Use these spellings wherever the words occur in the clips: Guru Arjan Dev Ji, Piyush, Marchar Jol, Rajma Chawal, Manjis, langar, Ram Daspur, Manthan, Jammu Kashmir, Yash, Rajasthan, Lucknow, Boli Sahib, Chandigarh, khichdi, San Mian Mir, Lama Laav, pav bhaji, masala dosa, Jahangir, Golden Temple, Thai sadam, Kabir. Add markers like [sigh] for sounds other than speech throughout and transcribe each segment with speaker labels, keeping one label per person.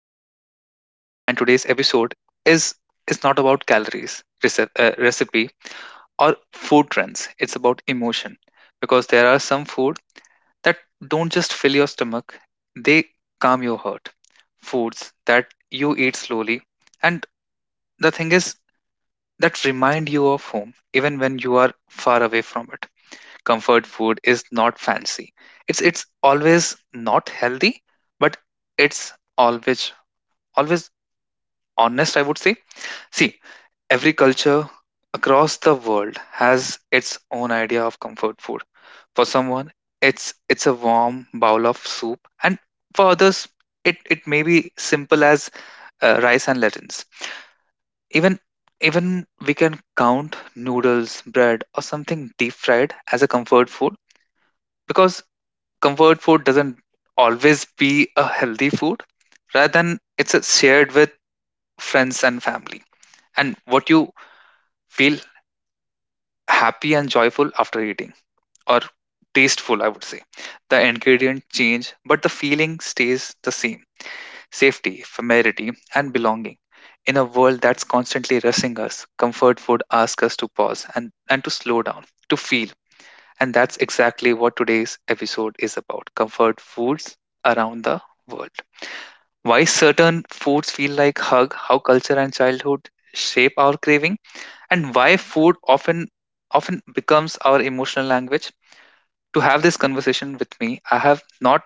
Speaker 1: host, Manthan, and today's episode is is not about calories, recipe, or food trends. It's about emotion, because there are some food that don't just fill your stomach; they calm your heart. Foods that you eat slowly, and the thing is that remind you of home, even when you are far away from it. Comfort food is not fancy. It's always not healthy, but it's always honest, I would say. See, every culture across the world has its own idea of comfort food. For someone, it's a warm bowl of soup, and for others, it may be simple as rice and lentils. Even even we can count noodles, bread, or something deep fried as a comfort food, because comfort food doesn't always be a healthy food rather than it's a shared with friends and family, and what you feel happy and joyful after eating, or tasteful, I would say. The ingredient change but the feeling stays the same: safety, familiarity, and belonging. In a world that's constantly rushing us, comfort food asks us to pause and to slow down, to feel. And that's exactly what today's episode is about: comfort foods around the world, why certain foods feel like hug, how culture and childhood shape our craving, and why food often becomes our emotional language. To have this conversation with me, I have not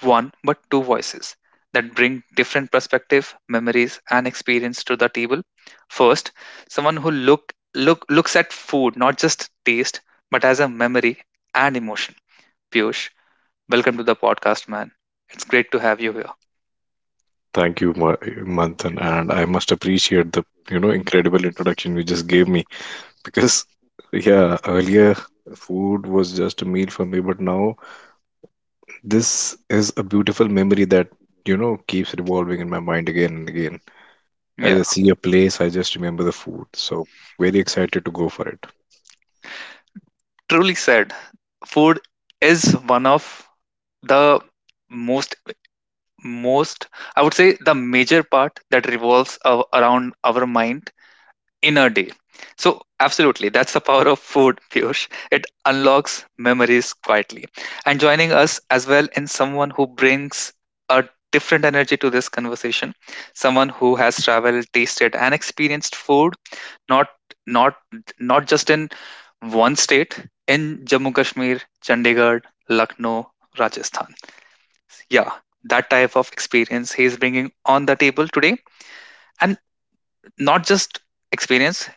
Speaker 1: one but two voices that bring different perspective, memories, and experience to the table. First, someone who looks at food not just taste but as a memory and emotion. Piyush, welcome to the podcast, man. It's great to have you here.
Speaker 2: Thank you, Manthan, and I must appreciate the incredible introduction you just gave me because yeah, earlier food was just a meal for me, but now this is a beautiful memory that keeps revolving in my mind again and again. As I
Speaker 1: Yeah,
Speaker 2: see a place, I just remember the food. So very excited to go for it.
Speaker 1: truly said. Food is one of the most most, I would say, the major part that revolves around our mind in a day. So absolutely, that's the power of food. [laughs] Piyush, it unlocks memories quietly. And joining us as well in someone who brings a different energy to this conversation, someone who has traveled, tasted, and experienced food, not not not just in one state: in Jammu Kashmir, Chandigarh, Lucknow, Rajasthan. Yeah, that type of experience he is bringing on the table today, and not just experience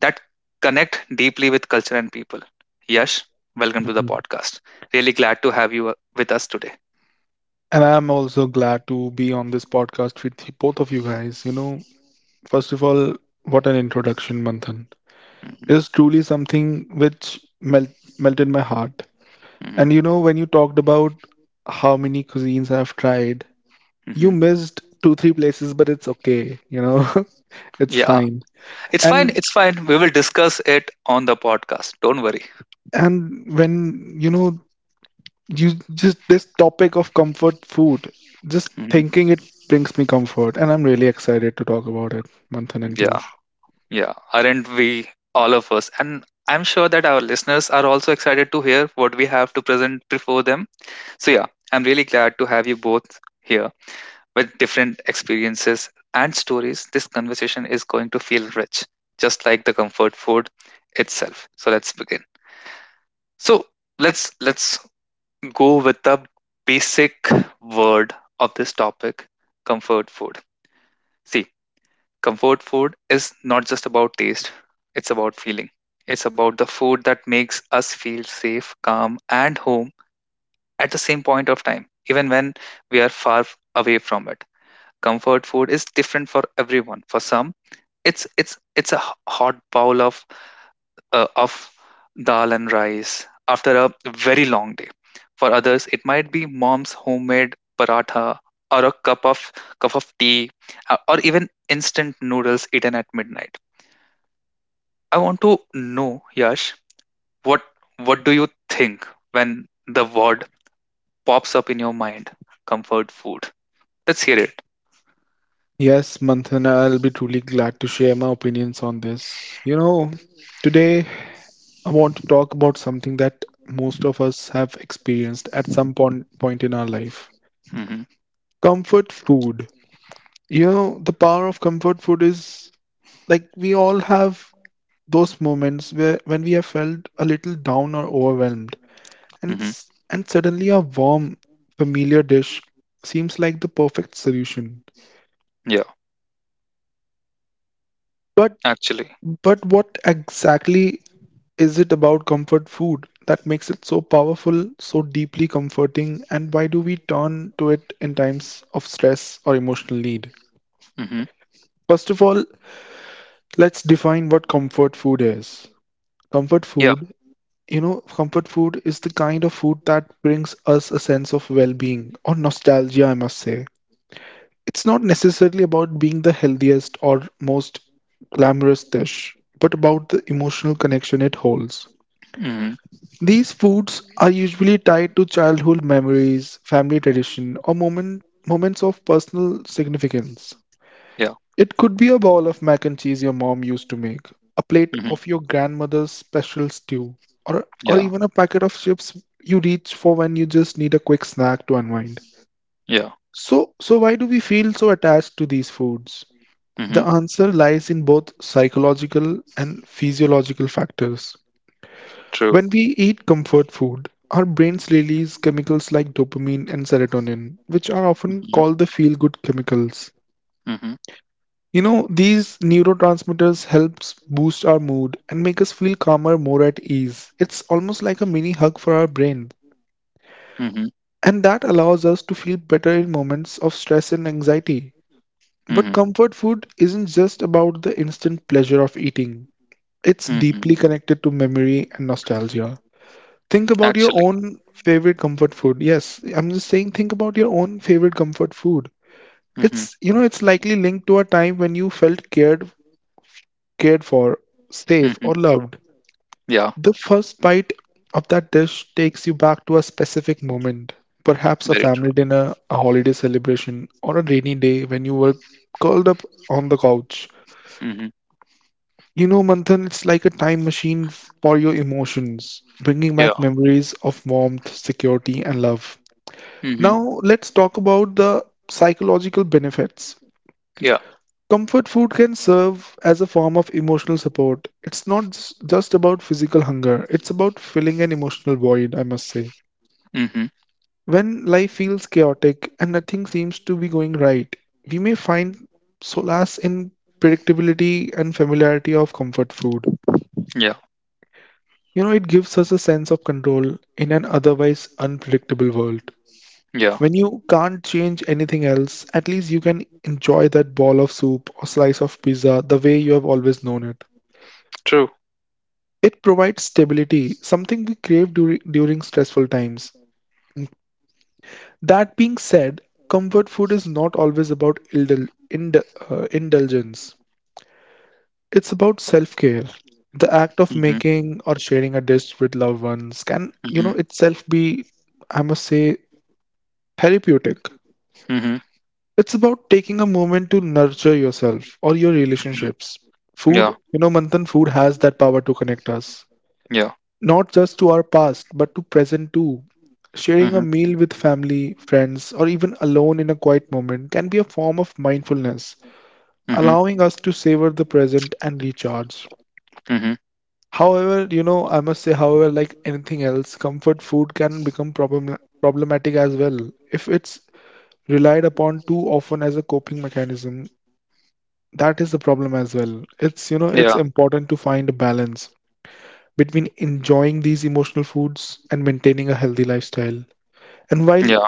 Speaker 1: that connect deeply with culture and people. Yash, welcome to the
Speaker 3: Mhm.
Speaker 1: podcast. Really glad to have you with us today.
Speaker 3: And I'm also glad to be on this podcast with both of you guys. First of all, what an introduction, Manthan. It
Speaker 1: Mhm,
Speaker 3: is truly something which melted my heart.
Speaker 1: mhm,
Speaker 3: And when you talked about how many cuisines I've tried, you
Speaker 1: mhm.
Speaker 3: missed two, three places, but it's okay. [laughs] It's
Speaker 1: Yeah,
Speaker 3: fine.
Speaker 1: it's fine.
Speaker 3: And
Speaker 1: It's fine. We will discuss it on the podcast. Don't worry.
Speaker 3: and when you just this topic of comfort food, just
Speaker 1: Mhm.
Speaker 3: thinking it brings me comfort, and I'm really excited to talk about it, Manthan and
Speaker 1: Yeah.
Speaker 3: Piyush.
Speaker 1: Yeah, aren't we all of us? And I'm sure that our listeners are also excited to hear what we have to present before them. So, yeah, I'm really glad to have you both here with different experiences and stories. This conversation is going to feel rich, just like the comfort food itself. So, let's begin. So, let's go with the basic word of this topic, comfort food. See, comfort food is not just about taste, it's about feeling. It's about the food that makes us feel safe, calm, and home at the same point of time, even when we are far away from it. Comfort food is different for everyone. For some, it's a hot bowl of uh, of dal and rice after a very long day. For others, it might be mom's homemade paratha or a cup of tea, or even instant noodles eaten at midnight. I want to know, Yash, what what do you think when the word pops up in your mind? Comfort food. Let's hear it.
Speaker 3: Yes, Manthan, I'll be truly glad to share my opinions on this. Today I want to talk about something that most of us have experienced at some point in our life.
Speaker 1: Hmm.
Speaker 3: Comfort food. The power of comfort food is like we all have those moments where when we have felt a little down or overwhelmed, and
Speaker 1: Hmm.
Speaker 3: s- and suddenly a warm familiar dish seems like the perfect solution.
Speaker 1: Yeah,
Speaker 3: but
Speaker 1: actually.
Speaker 3: but what exactly is it about comfort food that makes it so powerful, so deeply comforting, and why do we turn to it in times of stress or emotional need?
Speaker 1: Hmm.
Speaker 3: First of all, let's define what comfort food is. Comfort
Speaker 1: Yeah.
Speaker 3: food. Comfort food is the kind of food that brings us a sense of well being or nostalgia, I must say. It's not necessarily about being the healthiest or most glamorous dish, but about the emotional connection it holds.
Speaker 1: Hmm.
Speaker 3: These foods are usually tied to childhood memories, family tradition, or moments of personal significance.
Speaker 1: Yeah.
Speaker 3: It could be a bowl of mac and cheese your mom used to make, a plate of
Speaker 1: Hmm.
Speaker 3: your grandmother's special stew, or
Speaker 1: Yeah.
Speaker 3: even a packet of chips you reach for when you just need a quick snack to unwind.
Speaker 1: Yeah.
Speaker 3: So why do we feel so attached to these foods?
Speaker 1: Hmm.
Speaker 3: The answer lies in both psychological and physiological factors.
Speaker 1: True.
Speaker 3: When we eat comfort food, our brains release chemicals like dopamine and serotonin, which are often
Speaker 1: Hmm.
Speaker 3: called the feel good chemicals.
Speaker 1: Hmm.
Speaker 3: These neurotransmitters helps boost our mood and make us feel calmer, more at ease. It's almost like a mini hug for our brain,
Speaker 1: Hmm.
Speaker 3: and that allows us to feel better in moments of stress and anxiety. But
Speaker 1: Hmm.
Speaker 3: comfort food isn't just about the instant pleasure of eating. It's
Speaker 1: Hmm.
Speaker 3: deeply connected to memory and nostalgia. Think about your
Speaker 1: Actually.
Speaker 3: own favorite comfort food. Yes, I'm just saying think about your own favorite comfort food.
Speaker 1: Hmm.
Speaker 3: It's likely linked to a time when you felt cared for, safe,
Speaker 1: Hmm.
Speaker 3: or loved.
Speaker 1: Yeah.
Speaker 3: The first bite of that dish takes you back to a specific moment, perhaps a
Speaker 1: Very true.
Speaker 3: family dinner, a holiday celebration, or a rainy day when you were curled up on the couch.
Speaker 1: Hmm.
Speaker 3: Manthan, it's like a time machine for your emotions, bringing
Speaker 1: Yeah.
Speaker 3: back memories of warmth, security, and love.
Speaker 1: Hmm.
Speaker 3: Now, let's talk about the psychological benefits.
Speaker 1: Yeah.
Speaker 3: Comfort food can serve as a form of emotional support. It's not just about physical hunger, it's about filling an emotional void, I must say.
Speaker 1: Hmm.
Speaker 3: When life feels chaotic and nothing seems to be going right, we may find solace in predictability and familiarity of comfort food.
Speaker 1: Yeah.
Speaker 3: It gives us a sense of control in an otherwise unpredictable world.
Speaker 1: Yeah.
Speaker 3: When you can't change anything else, at least you can enjoy that ball of soup or slice of pizza the way you have always known it.
Speaker 1: True.
Speaker 3: It provides stability, something we crave during stressful times. That being said, comfort food is not always about indulgence. It's about self-care. The act of
Speaker 1: Hmm.
Speaker 3: making or sharing a dish with loved ones can,
Speaker 1: Mhm.
Speaker 3: itself be, I must say, therapeutic.
Speaker 1: Mhm.
Speaker 3: It's about taking a moment to nurture yourself or your
Speaker 1: Mhm.
Speaker 3: relationships. Food,
Speaker 1: Yeah.
Speaker 3: Manthan, food has that power to connect us.
Speaker 1: Yeah.
Speaker 3: Not just to our past, but to present too. Sharing a
Speaker 1: Mhm.
Speaker 3: meal with family, friends, or even alone in a quiet moment can be a form of mindfulness,
Speaker 1: Mhm.
Speaker 3: allowing us to savor the present and recharge.
Speaker 1: Mhm.
Speaker 3: However, I must say, however, like anything else, comfort food can become problematic as well if it's relied upon too often as a coping mechanism. That is the problem as well. It's
Speaker 1: Yeah.
Speaker 3: important to find a balance between enjoying these emotional foods and maintaining a healthy lifestyle. And while
Speaker 1: Yeah.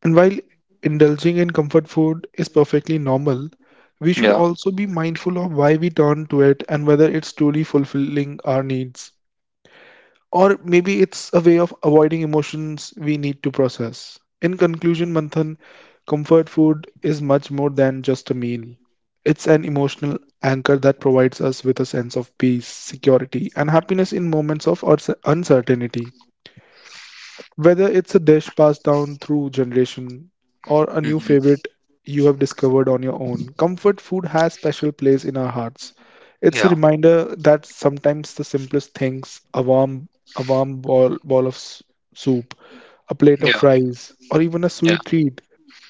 Speaker 3: and while indulging in comfort food is perfectly normal, we should
Speaker 1: Yeah.
Speaker 3: also be mindful of why we turn to it and whether it's truly fulfilling our needs. Or maybe it's a way of avoiding emotions we need to process. In conclusion, Manthan, comfort food is much more than just a meal. It's an emotional anchor that provides us with a sense of peace, security, and happiness in moments of uncertainty. Whether it's a dish passed down through generation or a new
Speaker 1: Mhm.
Speaker 3: favorite you have discovered on your own, comfort food has special place in our hearts. It's a
Speaker 1: Yeah.
Speaker 3: reminder that sometimes the simplest things, a warm ball of soup, a plate of
Speaker 1: Yeah.
Speaker 3: fries, or even a
Speaker 1: Yeah.
Speaker 3: sweet treat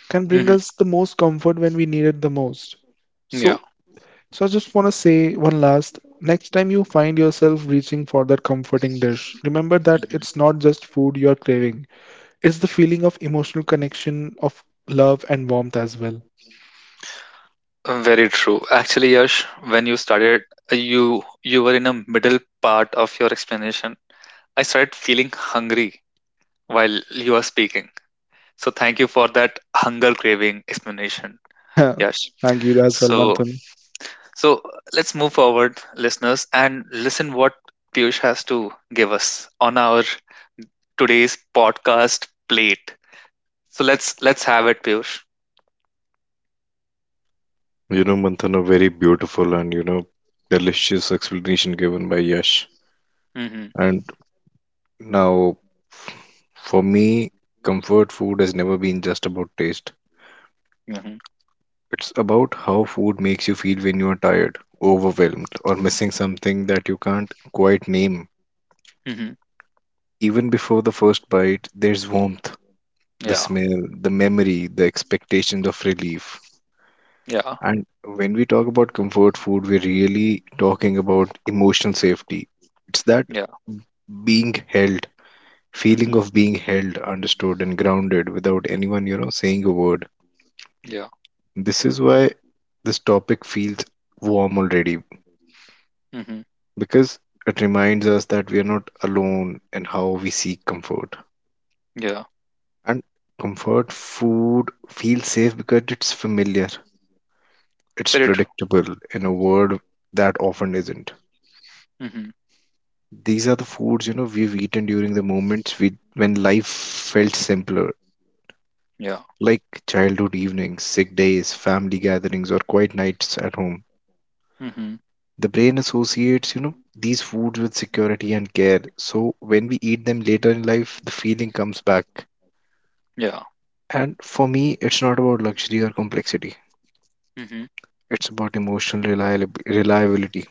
Speaker 3: can bring
Speaker 1: Mhm.
Speaker 3: us the most comfort when we need it the most.
Speaker 1: Yeah.
Speaker 3: So, so I just want to say one last next time you find yourself reaching for that comforting dish, remember that
Speaker 1: Mhm.
Speaker 3: it's not just food you're craving. Is the feeling of emotional connection, of love and warmth as well.
Speaker 1: Very true. Actually, Yash, when you started, you were in a middle part of your explanation. I started feeling hungry while you were speaking. So thank you for that hunger craving explanation,
Speaker 3: [laughs]
Speaker 1: Yash.
Speaker 3: Thank you as well,
Speaker 1: So,
Speaker 3: Manthan.
Speaker 1: so let's move forward, listeners, and listen what Piyush has to give us on our today's podcast plate. So let's have it, Piyush.
Speaker 2: You know, Manthan, a very beautiful and delicious explanation given by Yash.
Speaker 1: Mm-hmm.
Speaker 2: And Now, for me, comfort food has never been just about taste.
Speaker 1: Mm-hmm.
Speaker 2: It's about how food makes you feel when you are tired, overwhelmed, or missing something that you can't quite name.
Speaker 1: Mm-hmm.
Speaker 2: Even before the first bite, there's warmth, the
Speaker 1: Yeah.
Speaker 2: smell, the memory, the expectation of relief.
Speaker 1: Yeah.
Speaker 2: And when we talk about comfort food, we're really talking about emotional safety. It's that
Speaker 1: Yeah.
Speaker 2: being held,
Speaker 1: Mm-hmm.
Speaker 2: feeling of being held, understood, and grounded without anyone, you know, saying a word.
Speaker 1: Yeah.
Speaker 2: This is why this topic feels warm already
Speaker 1: Mm-hmm.
Speaker 2: because it reminds us that we are not alone in how we seek comfort.
Speaker 1: Yeah.
Speaker 2: And comfort food feels safe because it's familiar, it's
Speaker 1: Very true.
Speaker 2: predictable in a world that often isn't.
Speaker 1: Mm-hmm.
Speaker 2: These are the foods you know we've eaten during the moments we when life felt simpler,
Speaker 1: Yeah.
Speaker 2: like childhood evenings, sick days, family gatherings, or quiet nights at home.
Speaker 1: Mm-hmm.
Speaker 2: The brain associates, you know, these foods with security and care. So when we eat them later in life, the feeling comes back.
Speaker 1: Yeah.
Speaker 2: And for me, it's not about luxury or complexity.
Speaker 1: Mm-hmm.
Speaker 2: It's about emotional reliability.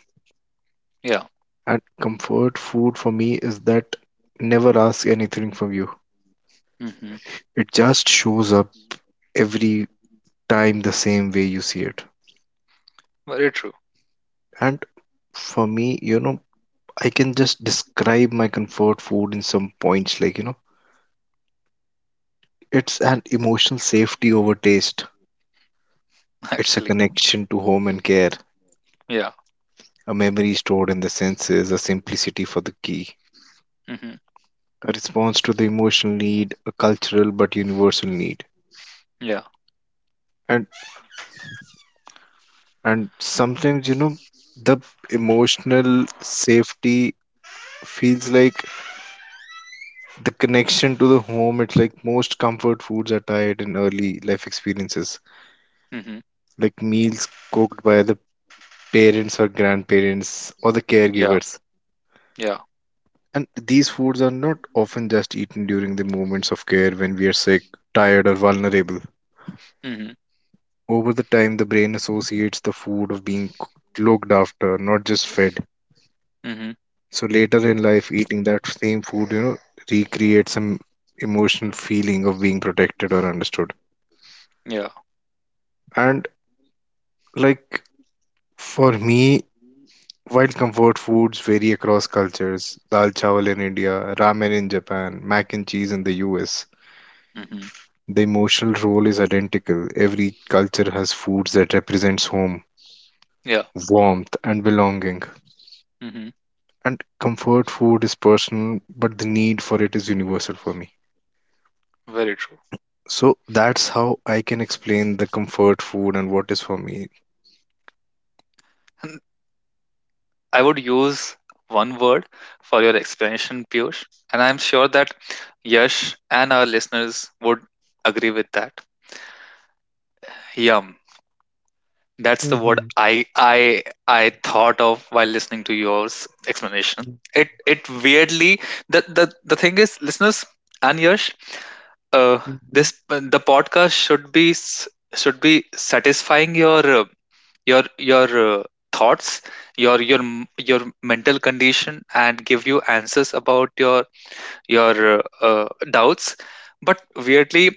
Speaker 1: Yeah.
Speaker 2: And comfort food for me is that never asks anything from you.
Speaker 1: Mm-hmm.
Speaker 2: It just shows up every time the same way you see it.
Speaker 1: Very true,
Speaker 2: And for me, you know, I can just describe my comfort food in some points like, you know, it's an emotional safety over taste.
Speaker 1: [laughs]
Speaker 2: It's a
Speaker 1: actually.
Speaker 2: connection to home and care,
Speaker 1: Yeah.
Speaker 2: a memory stored in the senses, a simplicity for the key,
Speaker 1: Mm-hmm.
Speaker 2: a response to the emotional need, a cultural but universal need.
Speaker 1: Yeah.
Speaker 2: And and sometimes, you know, the emotional safety feels like the connection to the home. It's like most comfort foods are tied in early life experiences,
Speaker 1: Mm-hmm.
Speaker 2: like meals cooked by the parents or grandparents or the
Speaker 1: Yeah.
Speaker 2: caregivers.
Speaker 1: Yeah.
Speaker 2: And these foods are not often just eaten during the moments of care when we are sick, tired, or vulnerable.
Speaker 1: Mm-hmm.
Speaker 2: Over the time, the brain associates the food of being looked after, not just fed.
Speaker 1: Mm-hmm.
Speaker 2: So later in life, eating that same food, you know, recreates some emotional feeling of being protected or understood.
Speaker 1: Yeah.
Speaker 2: And like for me, while comfort foods vary across cultures, dal chawal in India, ramen in Japan, mac and cheese in the US,
Speaker 1: Mm-hmm.
Speaker 2: the emotional role is identical. Every culture has foods that represents home,
Speaker 1: Yeah.
Speaker 2: warmth, and belonging.
Speaker 1: Mm-hmm.
Speaker 2: And comfort food is personal, but the need for it is universal for me.
Speaker 1: Very true.
Speaker 2: So that's how I can explain the comfort food and what is for me.
Speaker 1: [laughs] I would use one word for your explanation, Piyush, and I'm sure that Yash and our listeners would agree with that. Yum. That's the word
Speaker 3: Mm-hmm.
Speaker 1: I thought of while listening to yours explanation. It weirdly, the thing is, listeners and Yash, uh, this,
Speaker 3: Mm-hmm.
Speaker 1: the podcast should should be satisfying your, your your, uh, thoughts, your your mental condition, and give you answers about your, doubts. But weirdly,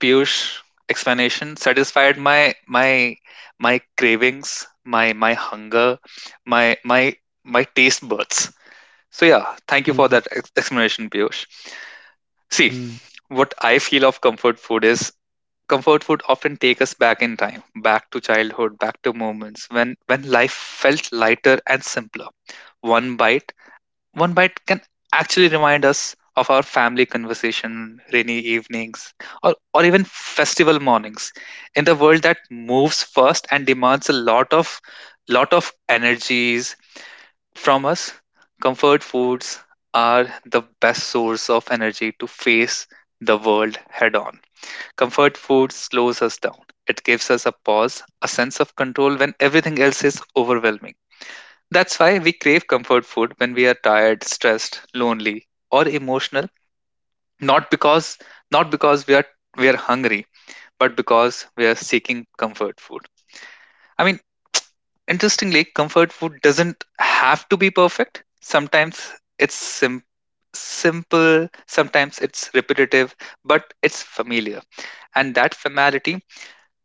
Speaker 1: Piyush explanation satisfied my cravings, my hunger, my my my taste buds. So yeah, thank you for that
Speaker 3: Mm-hmm.
Speaker 1: explanation, Piyush. See,
Speaker 3: Mm.
Speaker 1: what I feel of comfort food is: comfort food often take us back in time, back to childhood, back to moments when life felt lighter and simpler. One bite, one bite can actually remind us of our family conversation, rainy evenings, or even festival mornings. In the world that moves fast and demands a lot of energies from us, comfort foods are the best source of energy to face the world head on. Comfort food slows us down. It gives us a pause, a sense of control when everything else is overwhelming. That's why we crave comfort food when we are tired, stressed, lonely, or emotional, not because not because we are hungry, but because we are seeking comfort food. I mean, interestingly, comfort food doesn't have to be perfect. Sometimes it's sim- simple, sometimes it's repetitive, but it's familiar. And that familiarity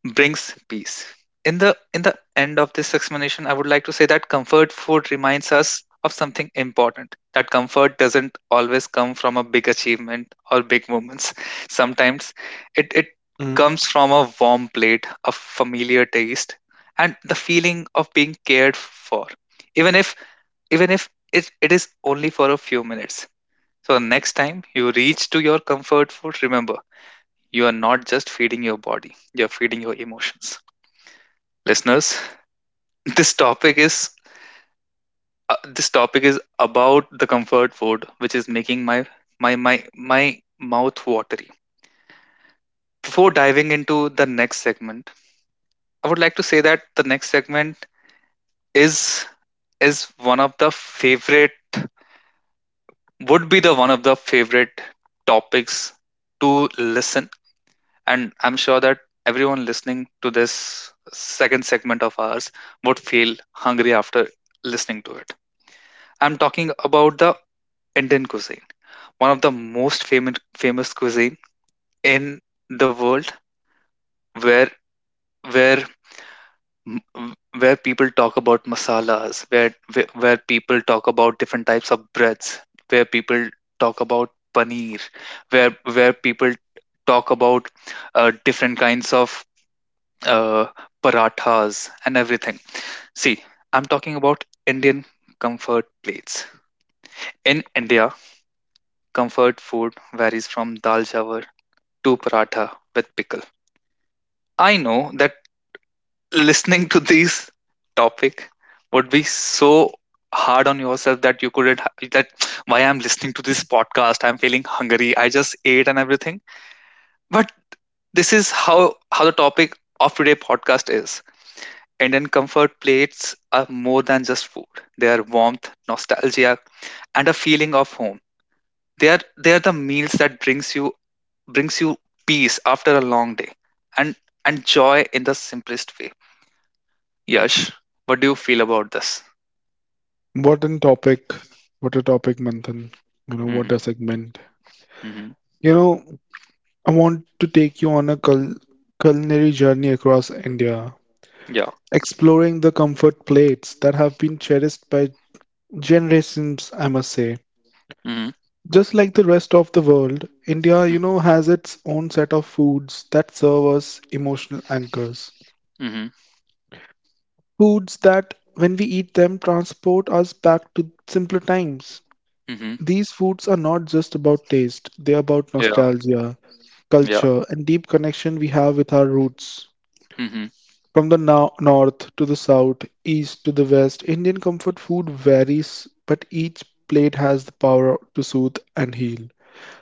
Speaker 1: brings peace. In the end of this explanation, I would like to say that comfort food reminds us of something important. That comfort doesn't always come from a big achievement or big moments. Sometimes it
Speaker 3: Mm.
Speaker 1: comes from a warm plate, a familiar taste, and the feeling of being cared for. Even if even if it is only for a few minutes. So next time you reach to your comfort food, remember you are not just feeding your body, you're feeding your emotions, listeners. This topic is, this topic is about the comfort food, which is making my mouth watery. Before diving into the next segment, I would like to say that the next segment is is one of the favorite, would be the one of the favorite topics to listen. And I'm sure that everyone listening to this second segment of ours would feel hungry after listening to it. I'm talking about the Indian cuisine, one of the most famous cuisine in the world, where where m- m- where people talk about masalas, where people talk about different types of breads, where people talk about paneer, where where people talk about different kinds of uh, parathas and everything. See, I'm talking about Indian comfort plates. In India, comfort food varies from dal chawar to paratha with pickle. I know that listening to this topic would be so hard on yourself that you couldn't ha- that why I'm listening to this podcast I'm feeling hungry, I just ate, and everything. But this is how the topic of today podcast is. Indian comfort plates are more than just food. They are warmth, nostalgia, and a feeling of home. They are the meals that brings you peace after a long day, and and joy in the simplest way. Yash, what do you feel about this?
Speaker 3: What a topic. What a topic, Manthan. What a
Speaker 1: Hmm.
Speaker 3: segment.
Speaker 1: Hmm.
Speaker 3: You know, I want to take you on a culinary journey across India,
Speaker 1: Yeah.
Speaker 3: exploring the comfort plates that have been cherished by generations, I must say.
Speaker 1: Hmm.
Speaker 3: Just like the rest of the world, India
Speaker 1: Hmm.
Speaker 3: has its own set of foods that serve as emotional anchors.
Speaker 1: Hmm.
Speaker 3: Foods that, when we eat them, transport us back to simpler times.
Speaker 1: Hmm.
Speaker 3: These foods are not just about taste, they are about
Speaker 1: Yeah.
Speaker 3: nostalgia,
Speaker 1: Yeah.
Speaker 3: culture, and deep connection we have with our roots.
Speaker 1: Hmm.
Speaker 3: From the north to the south, east to the west, Indian comfort food varies, but each plate has the power to soothe and heal.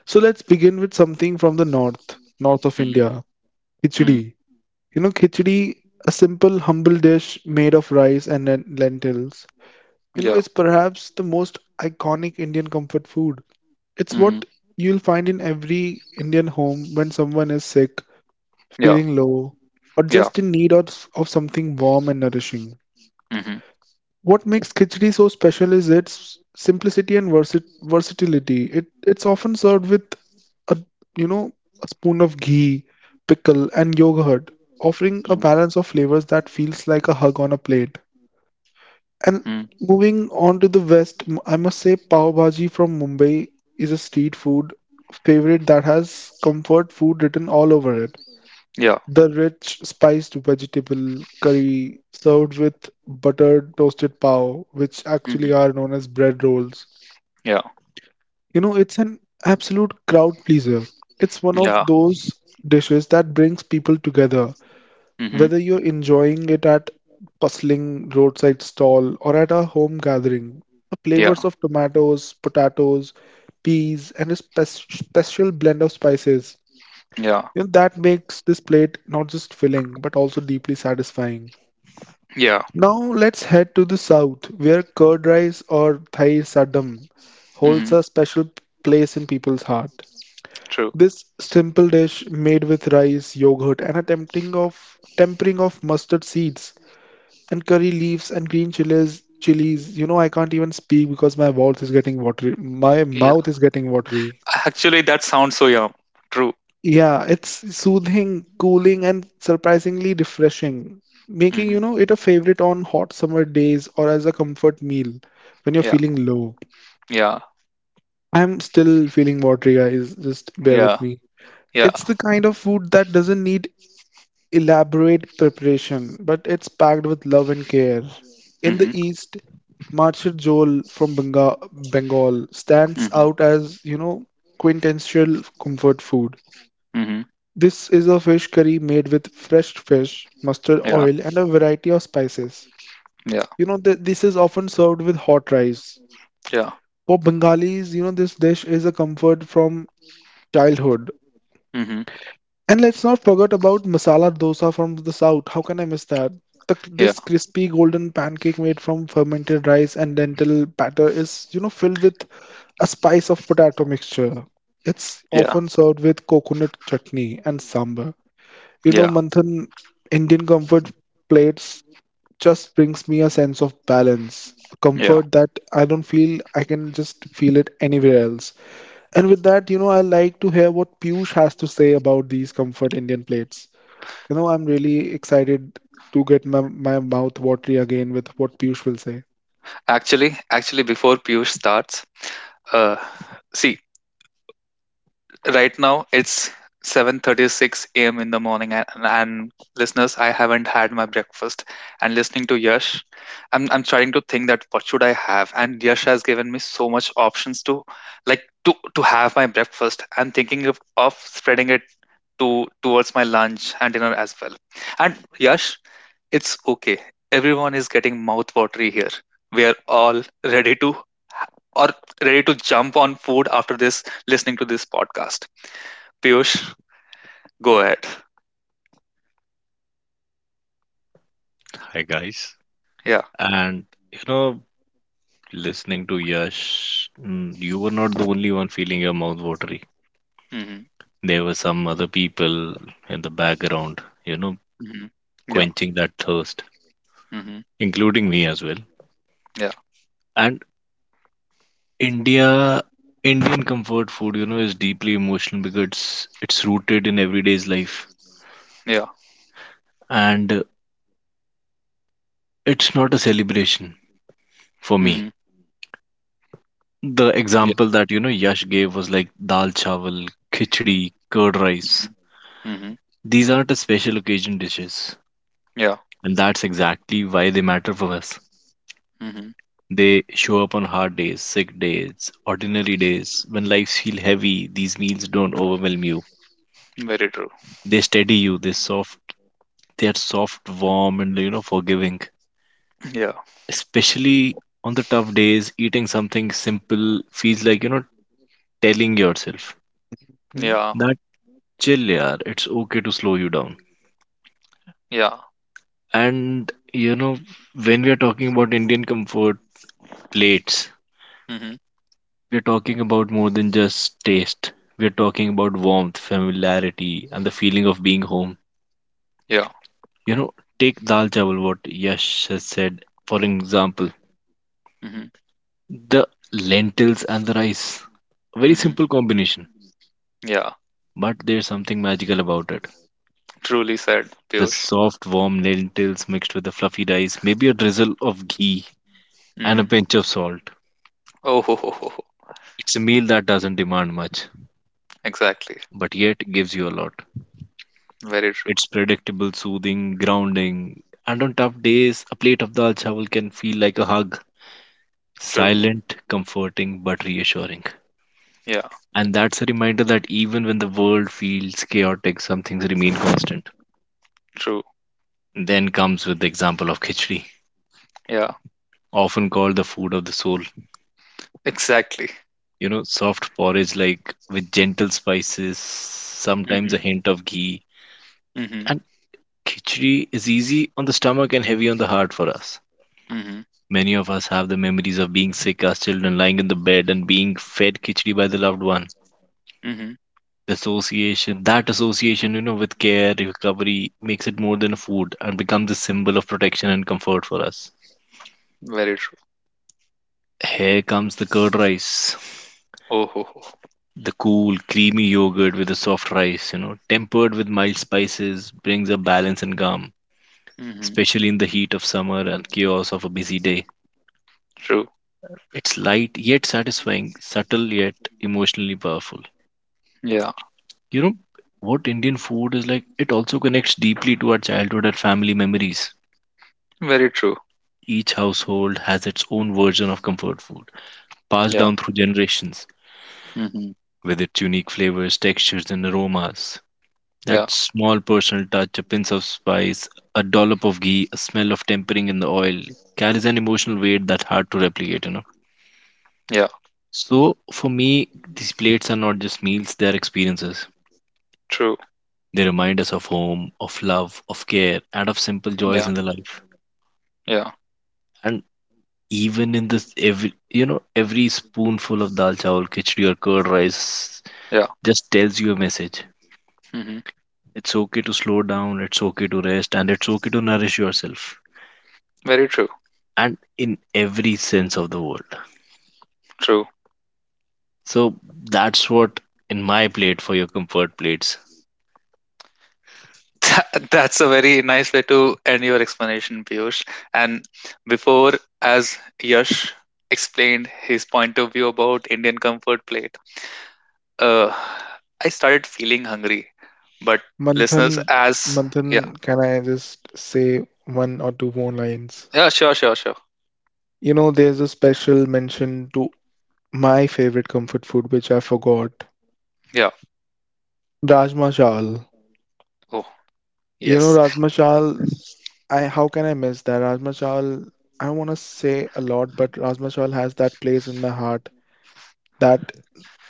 Speaker 3: So let's begin with something from the north of
Speaker 1: Hmm.
Speaker 3: India,
Speaker 1: Hmm.
Speaker 3: khichdi. Khichdi, a simple, humble dish made of rice and lentils
Speaker 1: Yeah.
Speaker 3: is perhaps the most iconic Indian comfort food. It's
Speaker 1: Hmm.
Speaker 3: what you'll find in every Indian home when someone is sick,
Speaker 1: Yeah.
Speaker 3: feeling low, or
Speaker 1: Yeah.
Speaker 3: just in need of something warm and nourishing.
Speaker 1: Hmm. Hmm.
Speaker 3: What makes khichdi so special is its simplicity and versatility. It's often served with a you know a spoon of ghee, pickle, and yogurt, offering a balance of flavors that feels like a hug on a plate. And
Speaker 1: Mm,
Speaker 3: moving on to the west, I must say pav bhaji from Mumbai is a street food favorite that has comfort food written all over it.
Speaker 1: yeah.
Speaker 3: The rich spiced vegetable curry served with buttered toasted pav, which actually
Speaker 1: Hmm.
Speaker 3: are known as bread rolls.
Speaker 1: Yeah.
Speaker 3: It's an absolute crowd pleaser. It's one
Speaker 1: Yeah.
Speaker 3: of those dishes that brings people together,
Speaker 1: Hmm.
Speaker 3: whether you're enjoying it at bustling roadside stall or at a home gathering. The
Speaker 1: Yeah.
Speaker 3: flavors of tomatoes, potatoes, peas, and a special blend of spices
Speaker 1: Yeah.
Speaker 3: that makes this plate not just filling but also deeply satisfying.
Speaker 1: Yeah.
Speaker 3: Now let's head to the south, where curd rice or Thai sadam holds
Speaker 1: Hmm.
Speaker 3: a special place in people's heart.
Speaker 1: True.
Speaker 3: This simple dish made with rice, yogurt, and a tempting of tempering of mustard seeds and curry leaves and green chilies. Chilies, I can't even speak because my mouth is getting watery. My
Speaker 1: Yeah.
Speaker 3: mouth is getting watery.
Speaker 1: Actually, that sounds so young. True.
Speaker 3: Yeah, it's soothing, cooling, and surprisingly refreshing, making
Speaker 1: Hmm.
Speaker 3: it a favorite on hot summer days or as a comfort meal when you're
Speaker 1: Yeah.
Speaker 3: feeling low.
Speaker 1: Yeah.
Speaker 3: I'm still feeling watery, guys. Just bear
Speaker 1: Yeah.
Speaker 3: with me.
Speaker 1: Yeah.
Speaker 3: It's the kind of food that doesn't need elaborate preparation, but it's packed with love and care. In the
Speaker 1: Hmm.
Speaker 3: East, Marchar Jol from Bengal stands
Speaker 1: Hmm.
Speaker 3: out as quintessential comfort food.
Speaker 1: Hmm.
Speaker 3: This is a fish curry made with fresh fish, mustard
Speaker 1: Yeah.
Speaker 3: oil, and a variety of spices.
Speaker 1: Yeah.
Speaker 3: This is often served with hot rice.
Speaker 1: Yeah.
Speaker 3: For Bengalis this dish is a comfort from childhood.
Speaker 1: Hmm.
Speaker 3: And let's not forget about masala dosa from the south. How can I miss that? The,
Speaker 1: Yeah.
Speaker 3: this crispy golden pancake made from fermented rice and lentil batter is, filled with a spice of potato mixture. It's
Speaker 1: Yeah,
Speaker 3: often served with coconut chutney and sambar.
Speaker 1: yeah,
Speaker 3: Manthan, Indian comfort plates just brings me a sense of balance, a
Speaker 1: yeah.
Speaker 3: comfort that I don't feel I can just feel it anywhere else. And with that, I like to hear what Piyush has to say about these comfort Indian plates. I'm really excited to get my mouth watery again with what Piyush will say.
Speaker 1: Actually, actually, before Piyush starts, uh, see, right now it's 7:36 a.m. in the morning, and listeners, I haven't had my breakfast. And listening to Yash, I'm trying to think that what should I have? And Yash has given me so much options to, like, to have my breakfast. I'm thinking of spreading it to towards my lunch and dinner as well. And Yash, it's okay. Everyone is getting mouth watery here. We are all ready to, or ready to jump on food after this, listening to this podcast. Piyush, go ahead.
Speaker 2: Hi guys,
Speaker 1: Yeah.
Speaker 2: and you know, listening to Yash, mm, you were not the only one feeling your mouth watery.
Speaker 1: Hmm.
Speaker 2: There were some other people in the background, you know,
Speaker 1: Hmm. Yeah.
Speaker 2: quenching that thirst,
Speaker 1: Hmm.
Speaker 2: including me as well.
Speaker 1: Yeah.
Speaker 2: And India Indian comfort food, you know, is deeply emotional because it's rooted in everyday's life
Speaker 1: Yeah.
Speaker 2: and it's not a celebration for
Speaker 1: Hmm.
Speaker 2: me. The
Speaker 1: Yeah.
Speaker 2: example that, you know, Yash gave was like dal chawal, khichdi, curd rice.
Speaker 1: Hmm.
Speaker 2: These aren't a special occasion dishes,
Speaker 1: Yeah.
Speaker 2: and that's exactly why they matter for us.
Speaker 1: Hmm.
Speaker 2: They show up on hard days, sick days, ordinary days. When lives feel heavy, these meals don't overwhelm you.
Speaker 1: Very true.
Speaker 2: They steady you. They're soft, warm, and you know forgiving.
Speaker 1: Yeah.
Speaker 2: Especially on the tough days, eating something simple feels like you know telling yourself
Speaker 3: Hmm?
Speaker 1: Yeah.
Speaker 2: that chill, yaar. It's okay to slow you down.
Speaker 1: Yeah.
Speaker 2: And you know when we are talking about Indian comfort plates,
Speaker 1: Hmm.
Speaker 2: we are talking about more than just taste. We are talking about warmth, familiarity, and the feeling of being home.
Speaker 1: Yeah.
Speaker 2: You know, take dal chawal, what Yash has said. For example,
Speaker 1: Hmm.
Speaker 2: the lentils and the rice. Very
Speaker 1: Hmm.
Speaker 2: simple combination,
Speaker 1: Yeah.
Speaker 2: but there's something magical about it.
Speaker 1: Truly said,
Speaker 2: The
Speaker 1: Piyush.
Speaker 2: soft, warm lentils mixed with the fluffy rice, maybe a drizzle of ghee and a
Speaker 1: Hmm.
Speaker 2: pinch of salt.
Speaker 1: Oh, ho, ho, ho, ho.
Speaker 2: It's a meal that doesn't demand much,
Speaker 1: Exactly.
Speaker 2: but yet gives you a lot.
Speaker 1: Very true.
Speaker 2: It's predictable, soothing, grounding, and on tough days, a plate of dal chawal can feel like a hug.
Speaker 1: True.
Speaker 2: Silent, comforting, but reassuring.
Speaker 1: Yeah.
Speaker 2: And that's a reminder that even when the world feels chaotic, some things remain constant.
Speaker 1: True.
Speaker 2: Then comes with the example of khichdi,
Speaker 1: Yeah.
Speaker 2: often called the food of the soul.
Speaker 1: Exactly.
Speaker 2: You know, soft porridge like with gentle spices, sometimes a
Speaker 1: Mhm,
Speaker 2: hint of ghee.
Speaker 1: mhm,
Speaker 2: And khichdi is easy on the stomach and heavy on the heart for us.
Speaker 1: mhm,
Speaker 2: Many of us have the memories of being sick as children, lying in the bed and being fed khichdi by the loved one.
Speaker 1: mhm.
Speaker 2: That association, you know, with care, recovery, makes it more than a food and becomes a symbol of protection and comfort for us.
Speaker 1: Very true.
Speaker 2: Here comes the curd rice.
Speaker 1: Oh, ho, ho.
Speaker 2: The cool, creamy yogurt with the soft rice, you know, tempered with mild spices, brings a balance and calm,
Speaker 1: Mhm.
Speaker 2: especially in the heat of summer and chaos of a busy day.
Speaker 1: True.
Speaker 2: It's light yet satisfying, subtle yet emotionally powerful.
Speaker 1: Yeah.
Speaker 2: You know, what Indian food is like, it also connects deeply to our childhood and family memories.
Speaker 1: Very true.
Speaker 2: Each household has its own version of comfort food, passed
Speaker 1: Yeah.
Speaker 2: down through generations,
Speaker 1: Mhm.
Speaker 2: with its unique flavors, textures, and aromas.
Speaker 1: Yeah.
Speaker 2: That small personal touch, a pinch of spice, a dollop of ghee, a smell of tempering in the oil carries an emotional weight that's hard to replicate, you know.
Speaker 1: Yeah.
Speaker 2: So for me, these plates are not just meals, they are experiences.
Speaker 1: True.
Speaker 2: They remind us of home, of love, of care, and of simple joys
Speaker 1: Yeah.
Speaker 2: in the life.
Speaker 1: Yeah.
Speaker 2: And even in this every you know, every spoonful of dal chawal, khichdi or curd rice
Speaker 1: Yeah.
Speaker 2: just tells you a message.
Speaker 1: Mhm.
Speaker 2: It's okay to slow down, it's okay to rest, and it's okay to nourish yourself,
Speaker 1: Very true.
Speaker 2: and in every sense of the world.
Speaker 1: True.
Speaker 2: So that's what in my plate for your comfort plates.
Speaker 1: [laughs] That's a very nice way to end your explanation, Piyush. And before, as Yash explained his point of view about Indian comfort plate, uh, I started feeling hungry. But listeners,
Speaker 3: Manthan,
Speaker 1: as yeah,
Speaker 3: Can I just say one or two more lines?
Speaker 1: yeah, sure, sure, sure.
Speaker 3: There's a special mention to my favorite comfort food, which I forgot,
Speaker 1: Yeah.
Speaker 3: Rajma Chawal.
Speaker 1: Oh, yes.
Speaker 3: Rajma Chawal, I how can I miss that? Rajma Chawal, I don't want to say a lot, but Rajma Chawal has that place in my heart that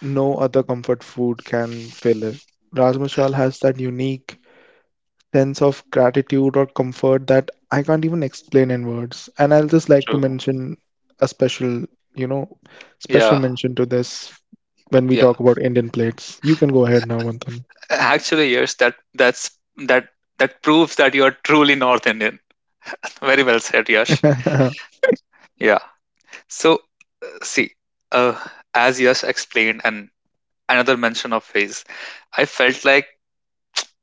Speaker 3: no other comfort food can fill it. Rajma Chawal has that unique sense of gratitude or comfort that I can't even explain in words. And I'll just like to
Speaker 1: True.
Speaker 3: mention a you know, special
Speaker 1: Yeah.
Speaker 3: mention to this when we
Speaker 1: Yeah.
Speaker 3: talk about Indian plates. You can go ahead now, Manthan.
Speaker 1: Actually, yes, that that proves that you are truly North Indian. Very well said, Yash.
Speaker 3: [laughs]
Speaker 1: Yeah. So see, uh, as Yash explained, and another mention of his, I felt like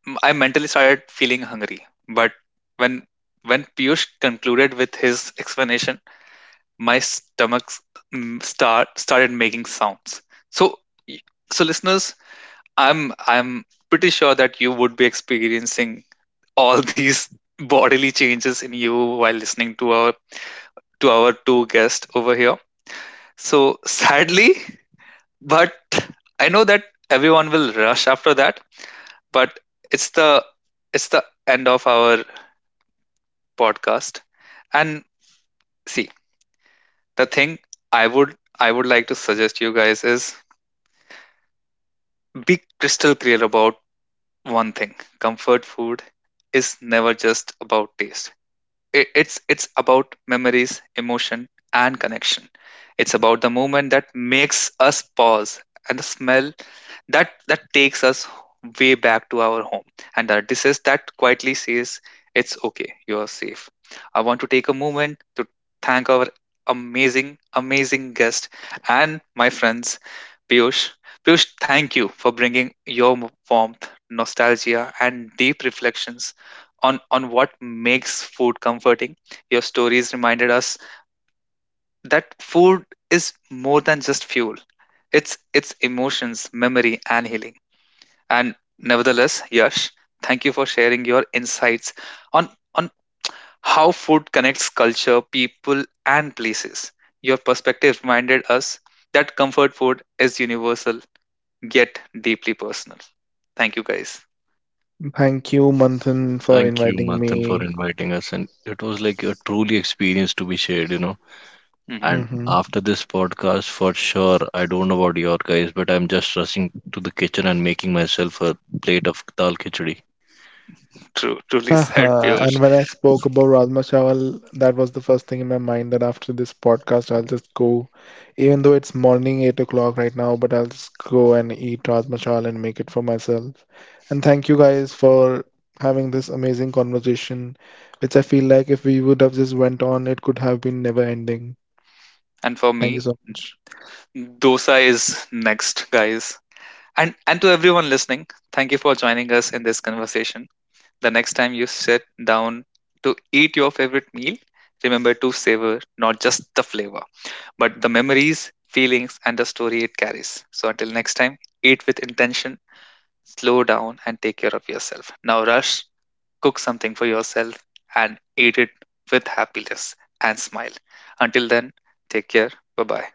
Speaker 1: I mentally started feeling hungry. But when when Piyush concluded with his explanation, my stomach s- mm, start started making sounds. So, y- so listeners, I'm pretty sure that you would be experiencing all [laughs] these bodily changes in you while listening to our two guests over here. So sadly, but I know that everyone will rush after that, but it's the end of our podcast. And see, the thing I would like to suggest you guys is, be crystal clear about one thing. Comfort food is never just about taste. It's about memories, emotion, and connection. It's about the moment that makes us pause, and the smell that takes us way back to our home, and the disease that quietly says it's okay, you are safe. I want to take a moment to thank our amazing amazing guest and my friends Piyush. Thank you for bringing your warmth, nostalgia, and deep reflections on what makes food comforting. Your stories reminded us that food is more than just fuel. It's emotions, memory, and healing. And nevertheless, Yash, thank you for sharing your insights on how food connects culture, people, and places. Your perspective reminded us that comfort food is universal yet deeply personal. Thank you, guys.
Speaker 3: Thank you, Manthan, for
Speaker 2: Thank you,
Speaker 3: inviting
Speaker 2: Manthan, for
Speaker 3: me.
Speaker 2: inviting us. And it was like a truly experience to be shared, you know. And
Speaker 1: Hmm.
Speaker 3: Hmm.
Speaker 2: after this podcast, for sure, I don't know about your guys, but I'm just rushing to the kitchen and making myself a plate of dal khichdi.
Speaker 1: True, truly said,
Speaker 3: Uh-huh. And
Speaker 1: Piyush.
Speaker 3: when I spoke about Rajma Chawal, that was the first thing in my mind that after this podcast, I'll just go, even though it's morning, 8 o'clock right now, but I'll just go and eat Rajma Chawal and make it for myself. And thank you guys for having this amazing conversation, which I feel like if we would have just went on, it could have been never ending.
Speaker 1: And for
Speaker 3: Thank you
Speaker 1: me,
Speaker 3: so much.
Speaker 1: Dosa is next, guys. And to everyone listening, thank you for joining us in this conversation. The next time you sit down to eat your favorite meal, remember to savor not just the flavor, but the memories, feelings, and the story it carries. So until next time, eat with intention, slow down, and take care of yourself. Now rush, cook something for yourself, and eat it with happiness and smile. Until then, take care. Bye bye.